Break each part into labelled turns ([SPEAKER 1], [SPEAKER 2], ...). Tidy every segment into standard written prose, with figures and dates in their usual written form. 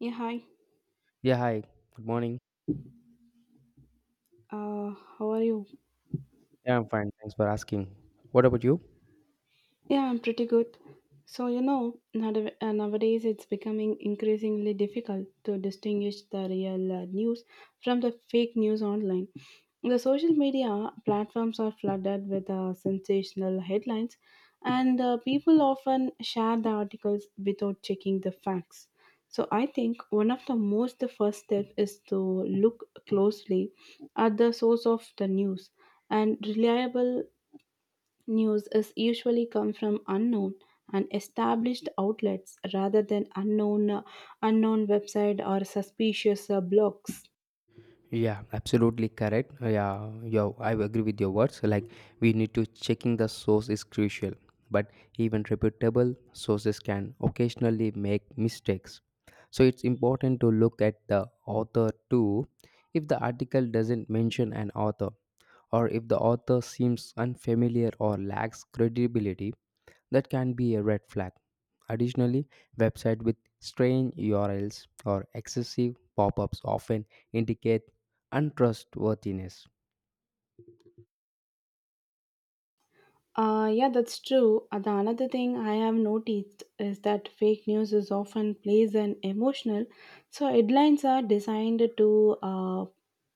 [SPEAKER 1] Yeah, hi.
[SPEAKER 2] Yeah, hi. Good morning.
[SPEAKER 1] How are you?
[SPEAKER 2] Yeah, I'm fine. Thanks for asking. What about you?
[SPEAKER 1] Yeah, I'm pretty good. So, nowadays it's becoming increasingly difficult to distinguish the real news from the fake news online. The social media platforms are flooded with sensational headlines, and people often share the articles without checking the facts. So, I think one of the first step is to look closely at the source of the news, and reliable news is usually come from unknown and established outlets rather than unknown website or suspicious blogs.
[SPEAKER 2] Yeah, absolutely correct. Yeah, yeah, I agree with your words. Like we need to checking the source is crucial, but even reputable sources can occasionally make mistakes. So it's important to look at the author too. If the article doesn't mention an author, or if the author seems unfamiliar or lacks credibility, that can be a red flag. Additionally, websites with strange URLs or excessive pop ups often indicate untrustworthiness.
[SPEAKER 1] Yeah, that's true. The another thing I have noticed is that fake news is often plays an emotional. So headlines are designed to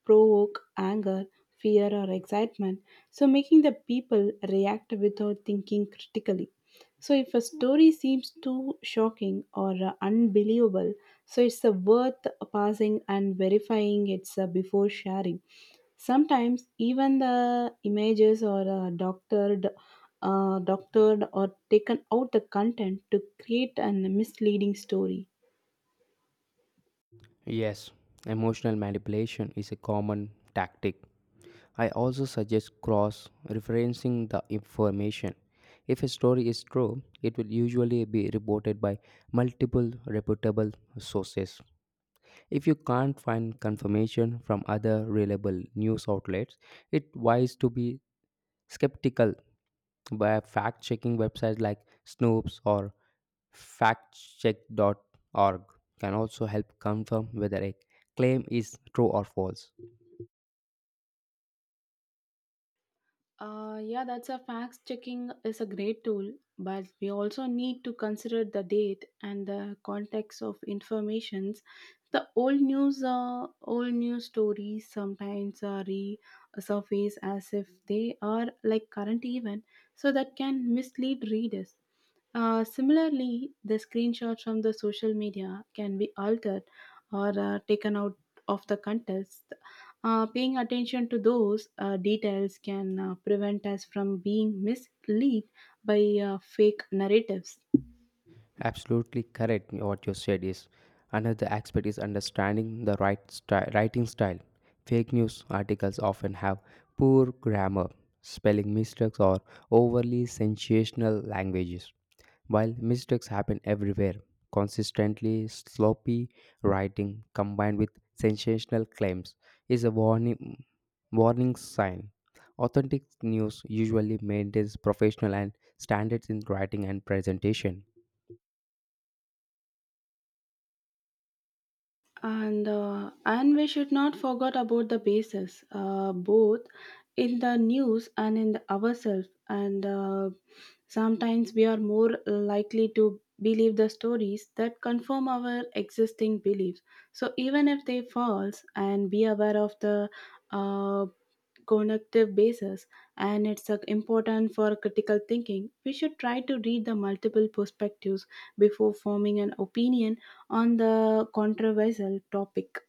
[SPEAKER 1] provoke anger, fear, or excitement, so making the people react without thinking critically. So if a story seems too shocking or unbelievable, so it's worth pausing and verifying it's before sharing. Sometimes even the images or doctored or taken out the content to create a misleading story.
[SPEAKER 2] Yes, emotional manipulation is a common tactic. I also suggest cross referencing the information. If a story is true, it will usually be reported by multiple reputable sources. If you can't find confirmation from other reliable news outlets, it's wise to be skeptical by fact-checking websites like Snopes or factcheck.org can also help confirm whether a claim is true or false.
[SPEAKER 1] Yeah, that's a fact checking is a great tool, but we also need to consider the date and the context of informations. The old news stories sometimes resurface as if they are like current event, so that can mislead readers. Similarly, the screenshots from the social media can be altered or taken out of the context. Paying attention to those details can prevent us from being misled by fake narratives.
[SPEAKER 2] Absolutely correct. What you said is another aspect is understanding the writing style. Fake news articles often have poor grammar, spelling mistakes, or overly sensational languages. While mistakes happen everywhere, consistently sloppy writing combined with sensational claims is a warning sign. Authentic news usually maintains professional and standards in writing and presentation.
[SPEAKER 1] And we should not forget about the basis both in the news and in the ourselves, and sometimes we are more likely to believe the stories that confirm our existing beliefs, so even if they falls. And be aware of the uh, cognitive basis, and it's important for critical thinking. We should try to read the multiple perspectives before forming an opinion on the controversial topic.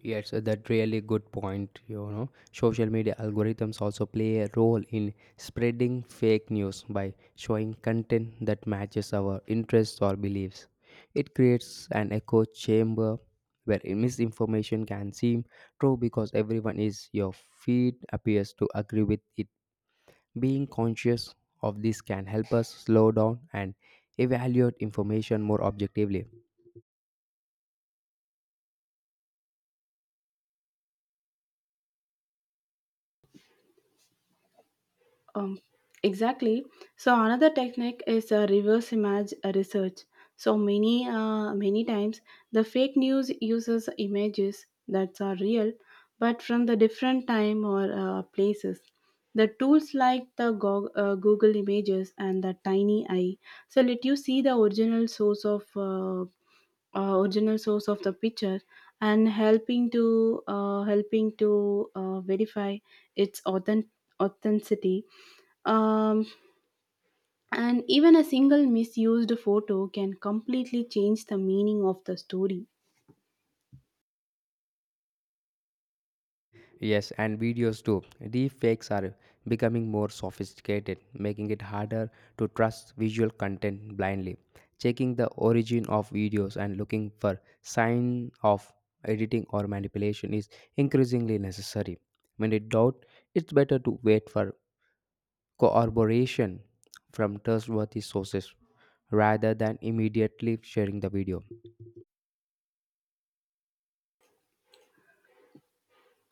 [SPEAKER 2] Yes, that really good point. You know, social media algorithms also play a role in spreading fake news by showing content that matches our interests or beliefs. It creates an echo chamber where misinformation can seem true because everyone is your feed appears to agree with it. Being conscious of this can help us slow down and evaluate information more objectively.
[SPEAKER 1] Um, exactly. So another technique is reverse image research. So many times the fake news uses images that are real, but from the different time or places. The tools like the Google Images and the Tiny Eye, so let you see the original source of the picture, and helping to verify its authenticity. um, and even a single misused photo can completely change the meaning of the story.
[SPEAKER 2] Yes, and videos too. Deep fakes are becoming more sophisticated, making it harder to trust visual content blindly. Checking the origin of videos and looking for sign of editing or manipulation is increasingly necessary. When in doubt, it's better to wait for corroboration from trustworthy sources rather than immediately sharing the video.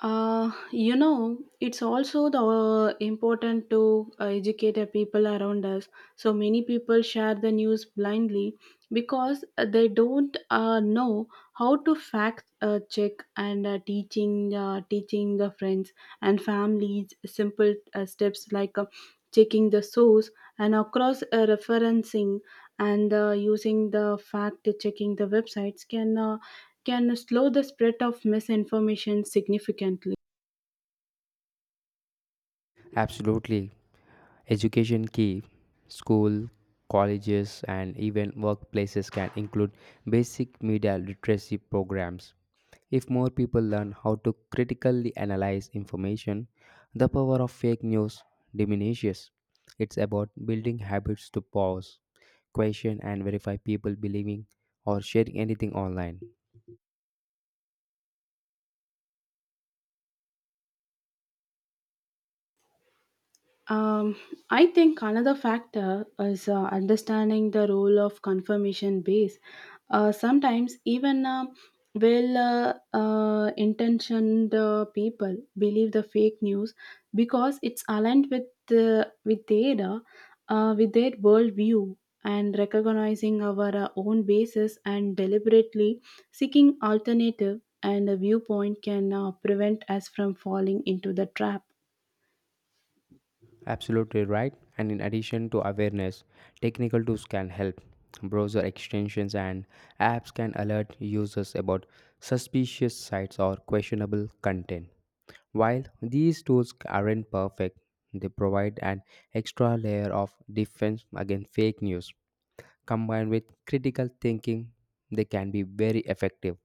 [SPEAKER 1] It's also the important to educate the people around us. So many people share the news blindly because they don't know how to fact check, and teaching the friends and families simple steps like checking the source, and across referencing, and using the fact checking the websites, can slow the spread of misinformation significantly.
[SPEAKER 2] Absolutely. Education key. School, colleges, and even workplaces can include basic media literacy programs. If more people learn how to critically analyze information, the power of fake news diminishes. It's about building habits to pause, question, and verify people believing or sharing anything online.
[SPEAKER 1] Um, I think another factor is understanding the role of confirmation bias. Sometimes even intentioned people believe the fake news because it's aligned with their worldview. And recognizing our own basis and deliberately seeking alternative and a viewpoint can prevent us from falling into the trap.
[SPEAKER 2] Absolutely right. And in addition to awareness, technical tools can help. Browser extensions and apps can alert users about suspicious sites or questionable content. While these tools aren't perfect, they provide an extra layer of defense against fake news. Combined with critical thinking, they can be very effective.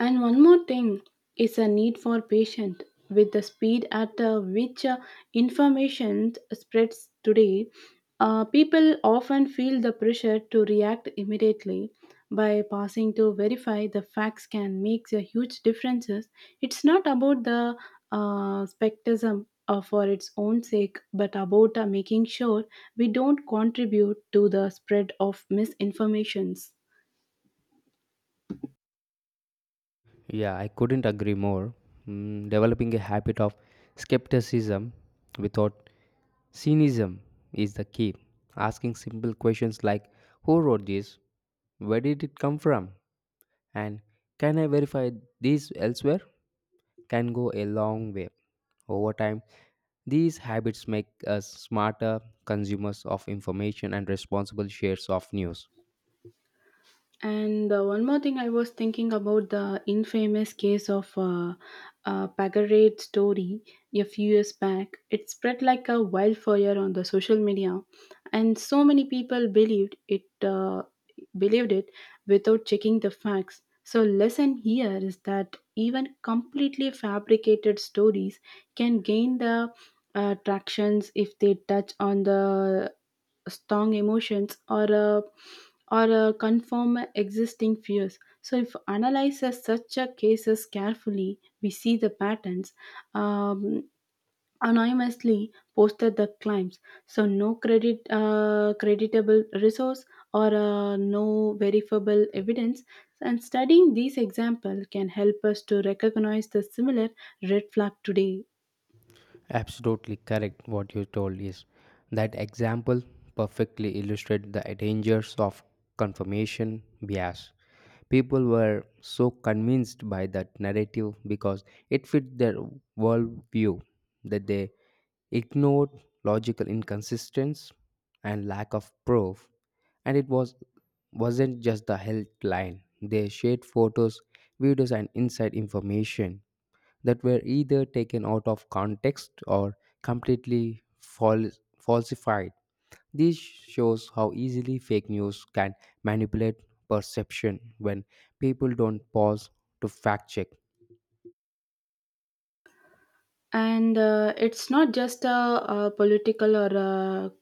[SPEAKER 1] And one more thing is a need for patience. With the speed at which information spreads today, people often feel the pressure to react immediately. By passing to verify, the facts can make a huge differences. It's not about the spectrum for its own sake, but about making sure we don't contribute to the spread of misinformations.
[SPEAKER 2] Yeah, I couldn't agree more. Mm, developing a habit of skepticism without Cynism is the key. Asking simple questions like who wrote this? Where did it come from? And can I verify this elsewhere? Can go a long way. Over time, these habits make us smarter consumers of information and responsible shares of news.
[SPEAKER 1] And one more thing I was thinking about the infamous case of Pagarade story a few years back. It spread like a wildfire on the social media, and so many people believed it without checking the facts. So lesson here is that even completely fabricated stories can gain the tractions if they touch on the strong emotions or confirm existing fears. So if analyzes such a cases carefully, we see the patterns. um, Anonymously posted the claims, so no creditable resource or no verifiable evidence. And studying these examples can help us to recognize the similar red flag today.
[SPEAKER 2] Absolutely correct what you told is that example perfectly illustrates the dangers of confirmation bias. People were so convinced by that narrative because it fit their worldview that they ignored logical inconsistencies and lack of proof, and it wasn't just the headline, they shared photos, videos, and inside information that were either taken out of context or completely fal- falsified. This shows how easily fake news can manipulate perception when people don't pause to fact check.
[SPEAKER 1] And it's not just a, political or a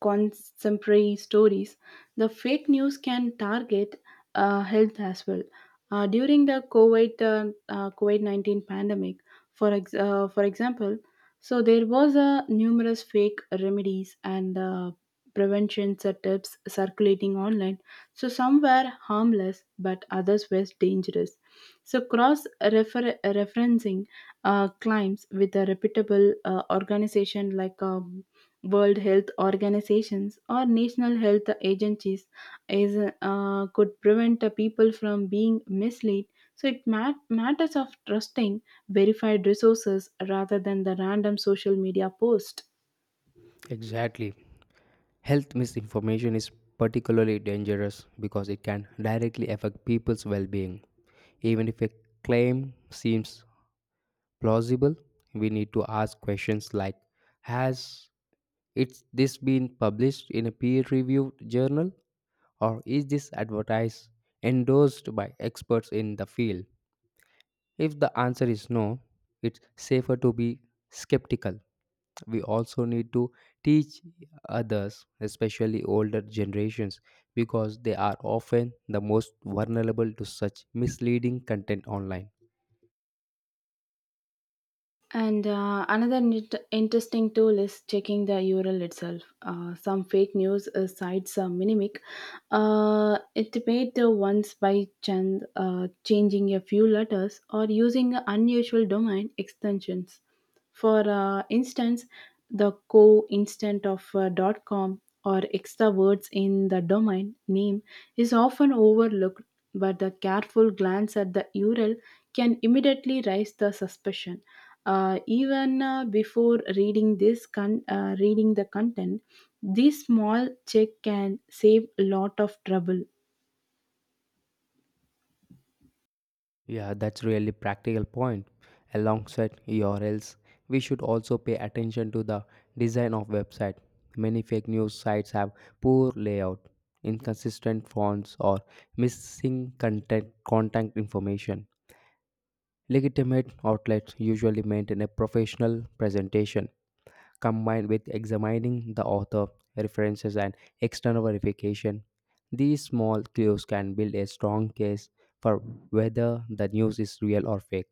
[SPEAKER 1] contemporary stories. The fake news can target health as well. During the COVID 19 pandemic, for example, so there was a numerous fake remedies and prevention tips circulating online. So some were harmless, but others were dangerous. So cross referencing climbs with a reputable organization like World Health Organizations or national health agencies is could prevent the people from being misled. So it matters of trusting verified resources rather than the random social media post.
[SPEAKER 2] Exactly. Health misinformation is particularly dangerous because it can directly affect people's well being. Even if a claim seems plausible, we need to ask questions like has this been published in a peer reviewed journal? Or is this advertised endorsed by experts in the field? If the answer is no, it's safer to be skeptical. We also need to teach others, especially older generations, because they are often the most vulnerable to such misleading content online.
[SPEAKER 1] And another interesting tool is checking the URL itself. Some fake news sites mimic it made the ones by chance changing a few letters or using unusual domain extensions. For instance, the co instant of .com or extra words in the domain name is often overlooked, but the careful glance at the URL can immediately raise the suspicion. Even before reading the content, this small check can save a lot of trouble.
[SPEAKER 2] Yeah, that's really practical point. Alongside URLs, we should also pay attention to the design of website. Many fake news sites have poor layout, inconsistent fonts, or missing content contact information. Legitimate outlets usually maintain a professional presentation combined with examining the author, references, and external verification. These small clues can build a strong case for whether the news is real or fake.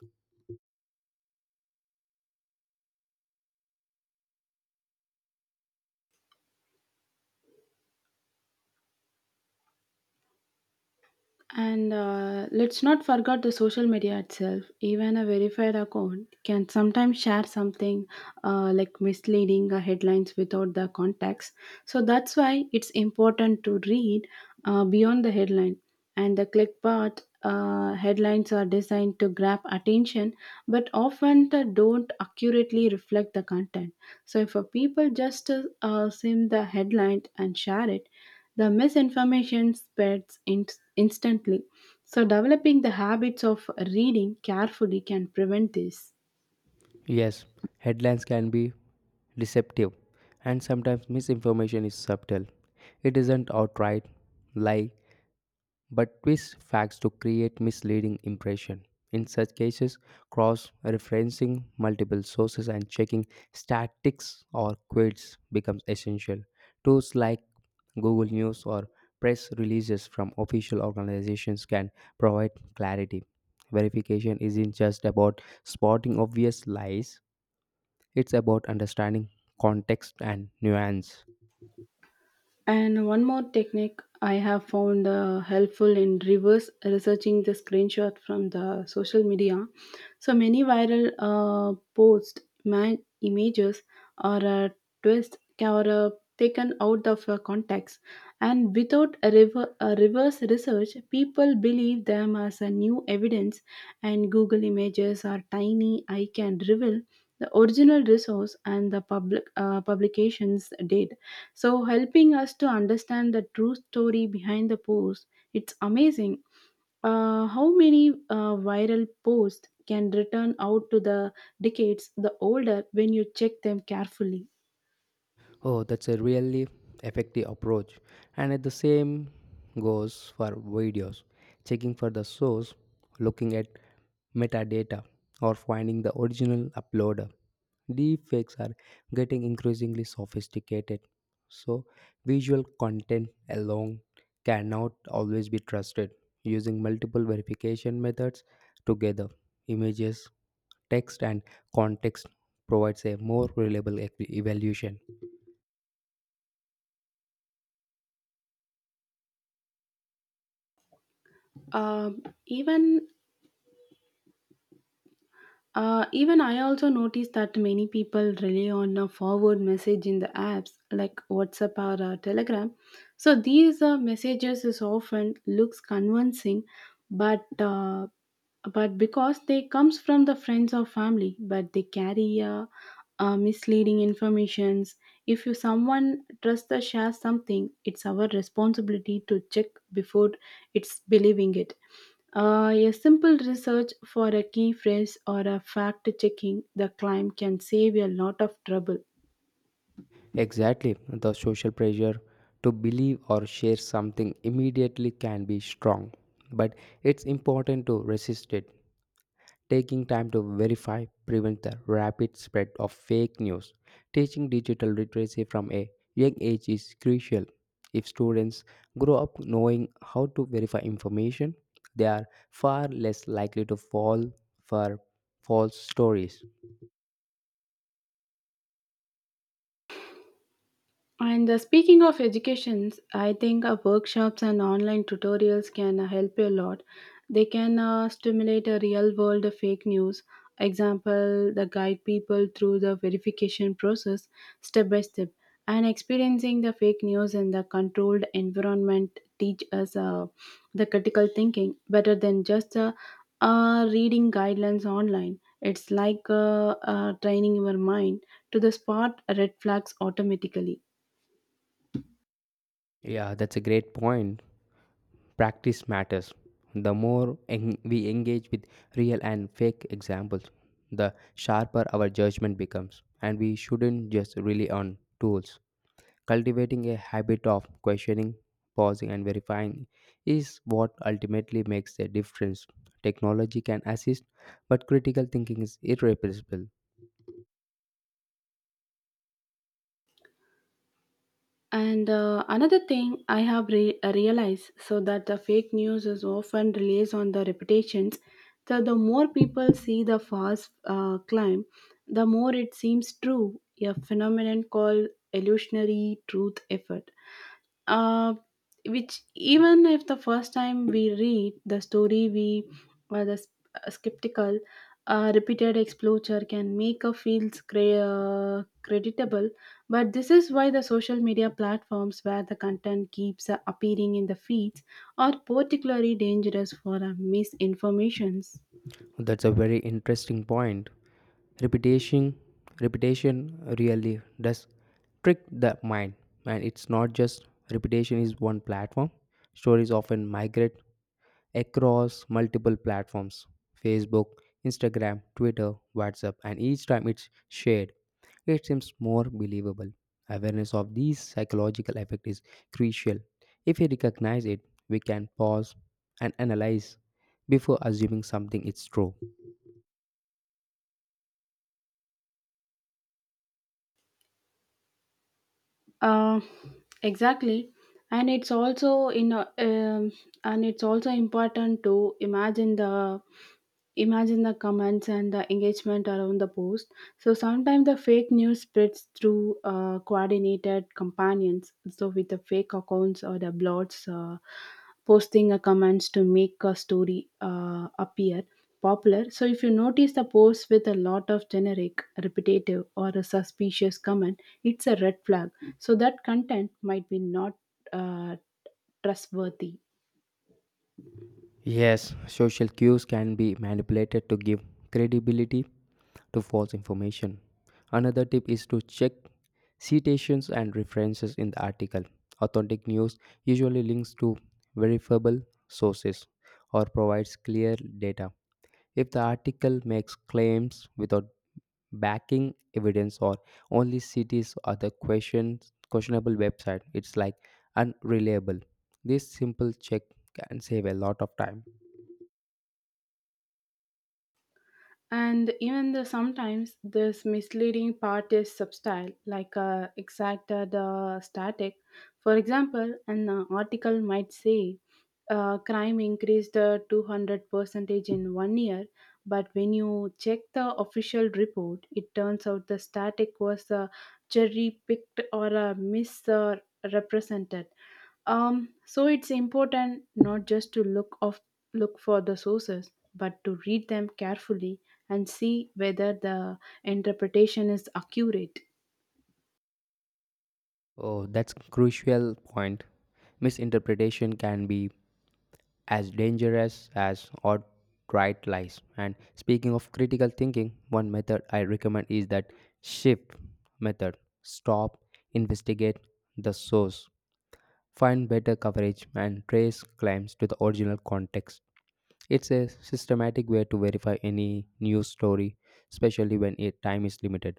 [SPEAKER 1] And let's not forget the social media itself. Even a verified account can sometimes share something like misleading headlines without the context. So that's why it's important to read beyond the headline. And the clickbait headlines are designed to grab attention, but often they don't accurately reflect the content. So if a people just sim the headline and share it, the misinformation spreads instantly. So, developing the habits of reading carefully can prevent this.
[SPEAKER 2] Yes, headlines can be deceptive, and sometimes misinformation is subtle. It isn't outright lie, but twist facts to create misleading impression. In such cases, cross-referencing multiple sources and checking statistics or quotes becomes essential. Tools like Google News or press releases from official organizations can provide clarity. Verification isn't just about spotting obvious lies, it's about understanding context and nuance.
[SPEAKER 1] And one more technique I have found helpful in reverse researching the screenshot from the social media. So many viral posts, man images, or twists are taken out of context, and without a reverse research, people believe them as a new evidence. And Google Images or tiny I can reveal the original resource and the publications date, so helping us to understand the true story behind the post. It's amazing how many viral posts can return out to the decades the older when you check them carefully.
[SPEAKER 2] Oh, that's a really effective approach. And at the same goes for videos. Checking for the source, looking at metadata, or finding the original uploader. Deepfakes are getting increasingly sophisticated, so visual content alone cannot always be trusted. Using multiple verification methods together, images, text, and context provides a more reliable evaluation.
[SPEAKER 1] Um even even I also noticed that many people rely on a forward message in the apps like WhatsApp or Telegram. So these messages is often looks convincing, but uh, but because they comes from the friends or family, but they carry misleading informations. If you someone trust the share something, it's our responsibility to check before it's believing it. A simple research for a key phrase or a fact checking the claim can save a lot of trouble.
[SPEAKER 2] Exactly, the social pressure to believe or share something immediately can be strong, but it's important to resist it. Taking time to verify prevents the rapid spread of fake news. Teaching digital literacy from a young age is crucial. If students grow up knowing how to verify information, they are far less likely to fall for false stories.
[SPEAKER 1] And speaking of educations, I think workshops and online tutorials can help you a lot. They can stimulate a real world of fake news. Example, the guide people through the verification process step by step. And experiencing the fake news in the controlled environment teach us the critical thinking better than just reading guidelines online. It's like training your mind to the spot red flags automatically.
[SPEAKER 2] Yeah, that's a great point. Practice matters. The more we engage with real and fake examples, the sharper our judgment becomes, and we shouldn't just rely on tools. Cultivating a habit of questioning, pausing, and verifying is what ultimately makes the difference. Technology can assist, but critical thinking is irreplaceable.
[SPEAKER 1] And another thing I have realized so that the fake news is often relies on the reputations. So the more people see the fast climb, the more it seems true. A phenomenon called illusionary truth effort. Uh, which even if the first time we read the story, we are the skeptical. A repeated exposure can make a feel creditable, but this is why the social media platforms where the content keeps appearing in the feeds are particularly dangerous for misinformations.
[SPEAKER 2] That's a very interesting point. Repetition, repetition really does trick the mind, and it's not just repetition is one platform. Stories often migrate across multiple platforms: Facebook, Instagram, Twitter, WhatsApp, and each time it's shared, it seems more believable. Awareness of these psychological effect is crucial. If we recognize it, we can pause and analyze before assuming something is true.
[SPEAKER 1] Uh, exactly, and it's also in a, and it's also important to imagine the comments and the engagement around the post. So sometimes the fake news spreads through coordinated companions. So with the fake accounts or the blogs posting a comments to make a story appear popular. So if you notice the post with a lot of generic, repetitive, or a suspicious comment, it's a red flag, so that content might be not uh, trustworthy.
[SPEAKER 2] Yes, social cues can be manipulated to give credibility to false information. Another tip is to check citations and references in the article. Authentic news usually links to verifiable sources or provides clear data. If the article makes claims without backing evidence or only cities or the questionable website, it's like unreliable. This simple check can save a lot of time.
[SPEAKER 1] And even though sometimes this misleading part is subtle, like exacted static. For example, an article might say crime increased 200 percentage in 1 year, but when you check the official report, it turns out the static was cherry picked or misrepresented. So it's important not just to look for the sources, but to read them carefully and see whether the interpretation is accurate.
[SPEAKER 2] Oh, that's crucial point. Misinterpretation can be as dangerous as outright lies. And speaking of critical thinking, one method I recommend is that shift method. Stop, investigate the source. Find better coverage, and trace claims to the original context. It's a systematic way to verify any news story, especially when time is limited.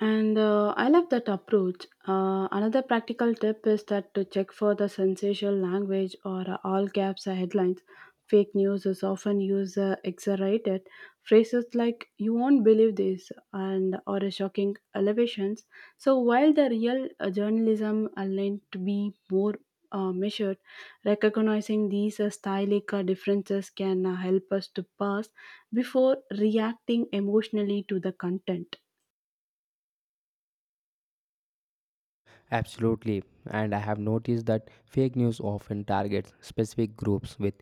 [SPEAKER 1] And I love that approach. Another practical tip is that to check for the sensational language or all caps or headlines. Fake news is often used exaggerated phrases like "you won't believe this" and or shocking elevations. So while the real journalism are learned to be more measured, recognizing these stylistic differences can help us to pass before reacting emotionally to the content.
[SPEAKER 2] Absolutely, and I have noticed that fake news often targets specific groups with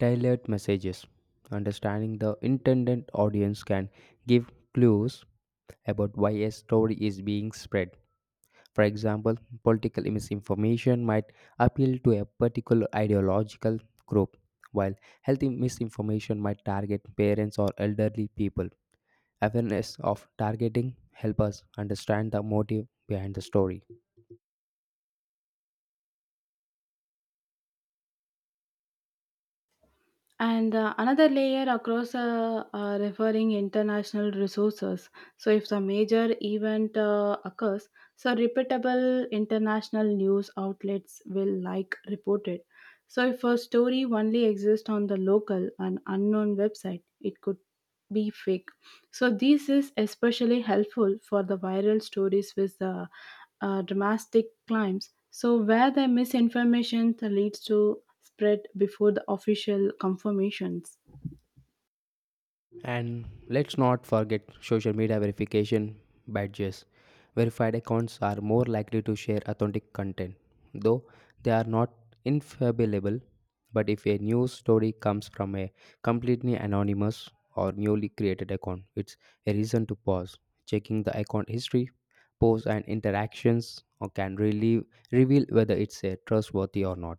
[SPEAKER 2] tailored messages. Understanding the intended audience can give clues about why a story is being spread. For example, political misinformation might appeal to a particular ideological group, while healthy misinformation might target parents or elderly people. Awareness of targeting help us understand the motive behind the story.
[SPEAKER 1] And another layer across referring international resources. So, if the major event occurs, so repeatable international news outlets will like report it. So, if a story only exists on the local and unknown website, it could be fake. So, this is especially helpful for the viral stories with the dramatic climbs, so where the misinformation leads to spread before the official confirmations.
[SPEAKER 2] And let's not forget social media verification badges. Verified accounts are more likely to share authentic content, though they are not infallible. But if a news story comes from a completely anonymous or newly created account, it's a reason to pause. Checking the account history, posts, and interactions or can really reveal whether it's a trustworthy or not.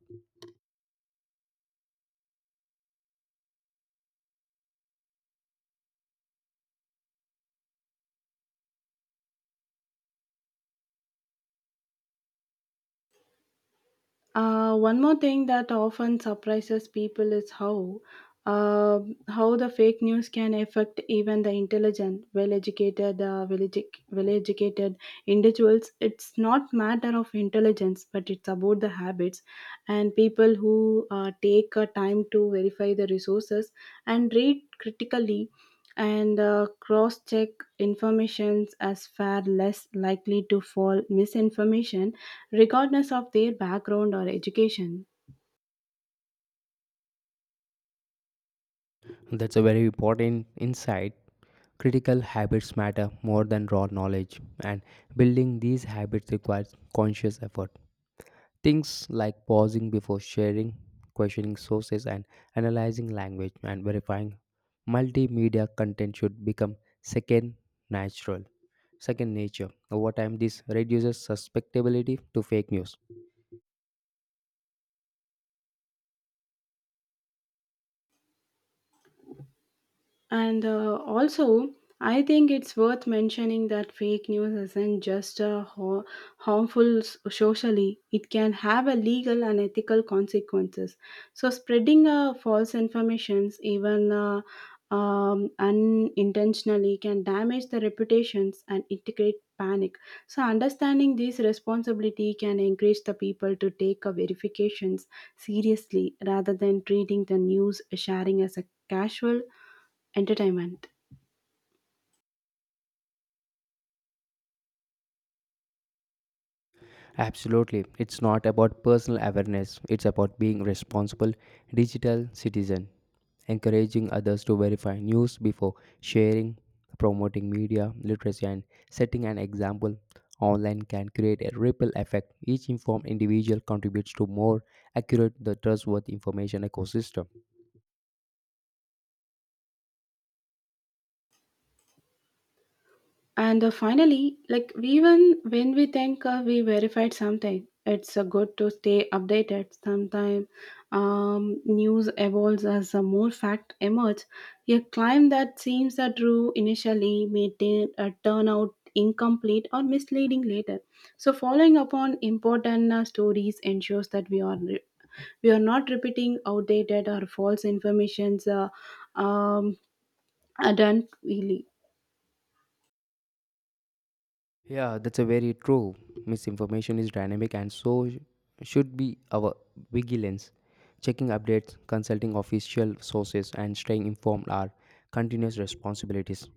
[SPEAKER 1] One more thing that often surprises people is uh, how the fake news can affect even the intelligent, well-educated individuals. It's not matter of intelligence, but it's about the habits, and people who take time to verify the resources and read critically and cross-check informations as far less likely to fall misinformation regardless of their background or education.
[SPEAKER 2] That's a very important insight. Critical habits matter more than raw knowledge, and building these habits requires conscious effort. Things like pausing before sharing, questioning sources, and analyzing language and verifying multimedia content should become second natural, second nature. Over time, this reduces susceptibility to fake news.
[SPEAKER 1] And also, I think it's worth mentioning that fake news isn't just harmful socially, it can have a legal and ethical consequences. So, spreading false informations, even unintentionally, can damage the reputations and integrate panic. So, understanding this responsibility can encourage the people to take verifications seriously rather than treating the news sharing as a casual entertainment.
[SPEAKER 2] Absolutely, it's not about personal awareness, it's about being responsible digital citizen. Encouraging others to verify news before sharing, promoting media literacy, and setting an example online can create a ripple effect. Each informed individual contributes to more accurate, the trustworthy information ecosystem.
[SPEAKER 1] And finally, like even when we think we verified something, it's good to stay updated. Sometimes news evolves as more fact emerge. A claim that seems true initially may turn out incomplete or misleading later. So following upon important stories ensures that we are not repeating outdated or false informations um, done freely.
[SPEAKER 2] Yeah, that's a very true. Misinformation is dynamic, and so should be our vigilance. Checking updates, consulting official sources, and staying informed are continuous responsibilities.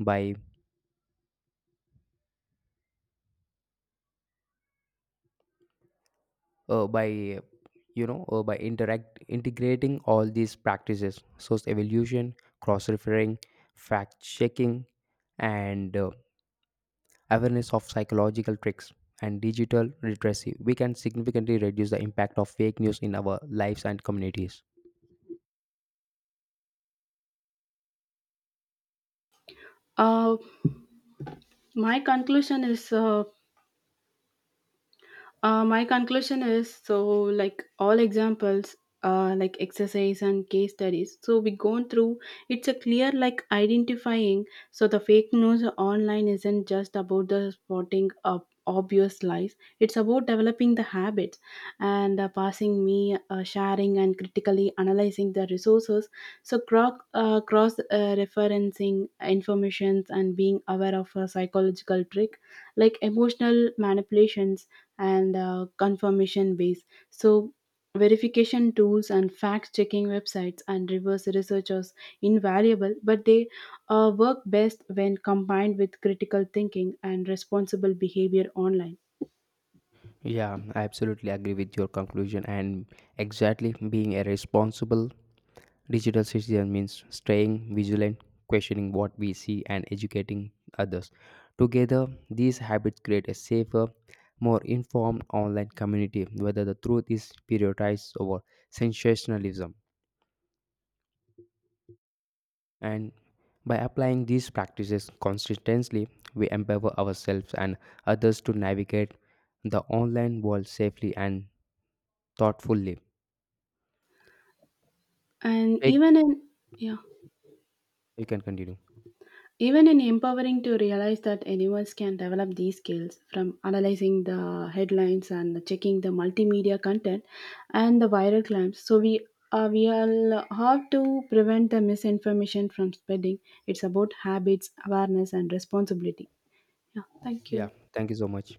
[SPEAKER 2] By by you know by interact integrating all these practices, source evolution, cross referring, fact checking, and awareness of psychological tricks and digital literacy, we can significantly reduce the impact of fake news in our lives and communities.
[SPEAKER 1] My conclusion is uh, my conclusion is so like all examples, like exercise and case studies, so we gone through. It's a clear like identifying, so the fake news online isn't just about the spotting of obvious lies. It's about developing the habits and passing me sharing and critically analyzing the resources, so cross referencing informations, and being aware of a psychological trick like emotional manipulations and confirmation base. So, verification tools and fact checking websites and reverse researchers invaluable, but they work best when combined with critical thinking and responsible behavior online.
[SPEAKER 2] Yeah, I absolutely agree with your conclusion. And exactly, being a responsible digital citizen means staying vigilant, questioning what we see, and educating others. Together, these habits create a safer, more informed online community, whether the truth is prioritized over sensationalism. And by applying these practices consistently, we empower ourselves and others to navigate the online world safely and thoughtfully.
[SPEAKER 1] And
[SPEAKER 2] Take
[SPEAKER 1] even in Yeah.
[SPEAKER 2] You can continue.
[SPEAKER 1] Even in empowering to realize that anyone can develop these skills, from analyzing the headlines and checking the multimedia content and the viral claims. So we all have to prevent the misinformation from spreading. It's about habits, awareness, and responsibility. Yeah, thank
[SPEAKER 2] Yeah.
[SPEAKER 1] you.
[SPEAKER 2] Thank you so much.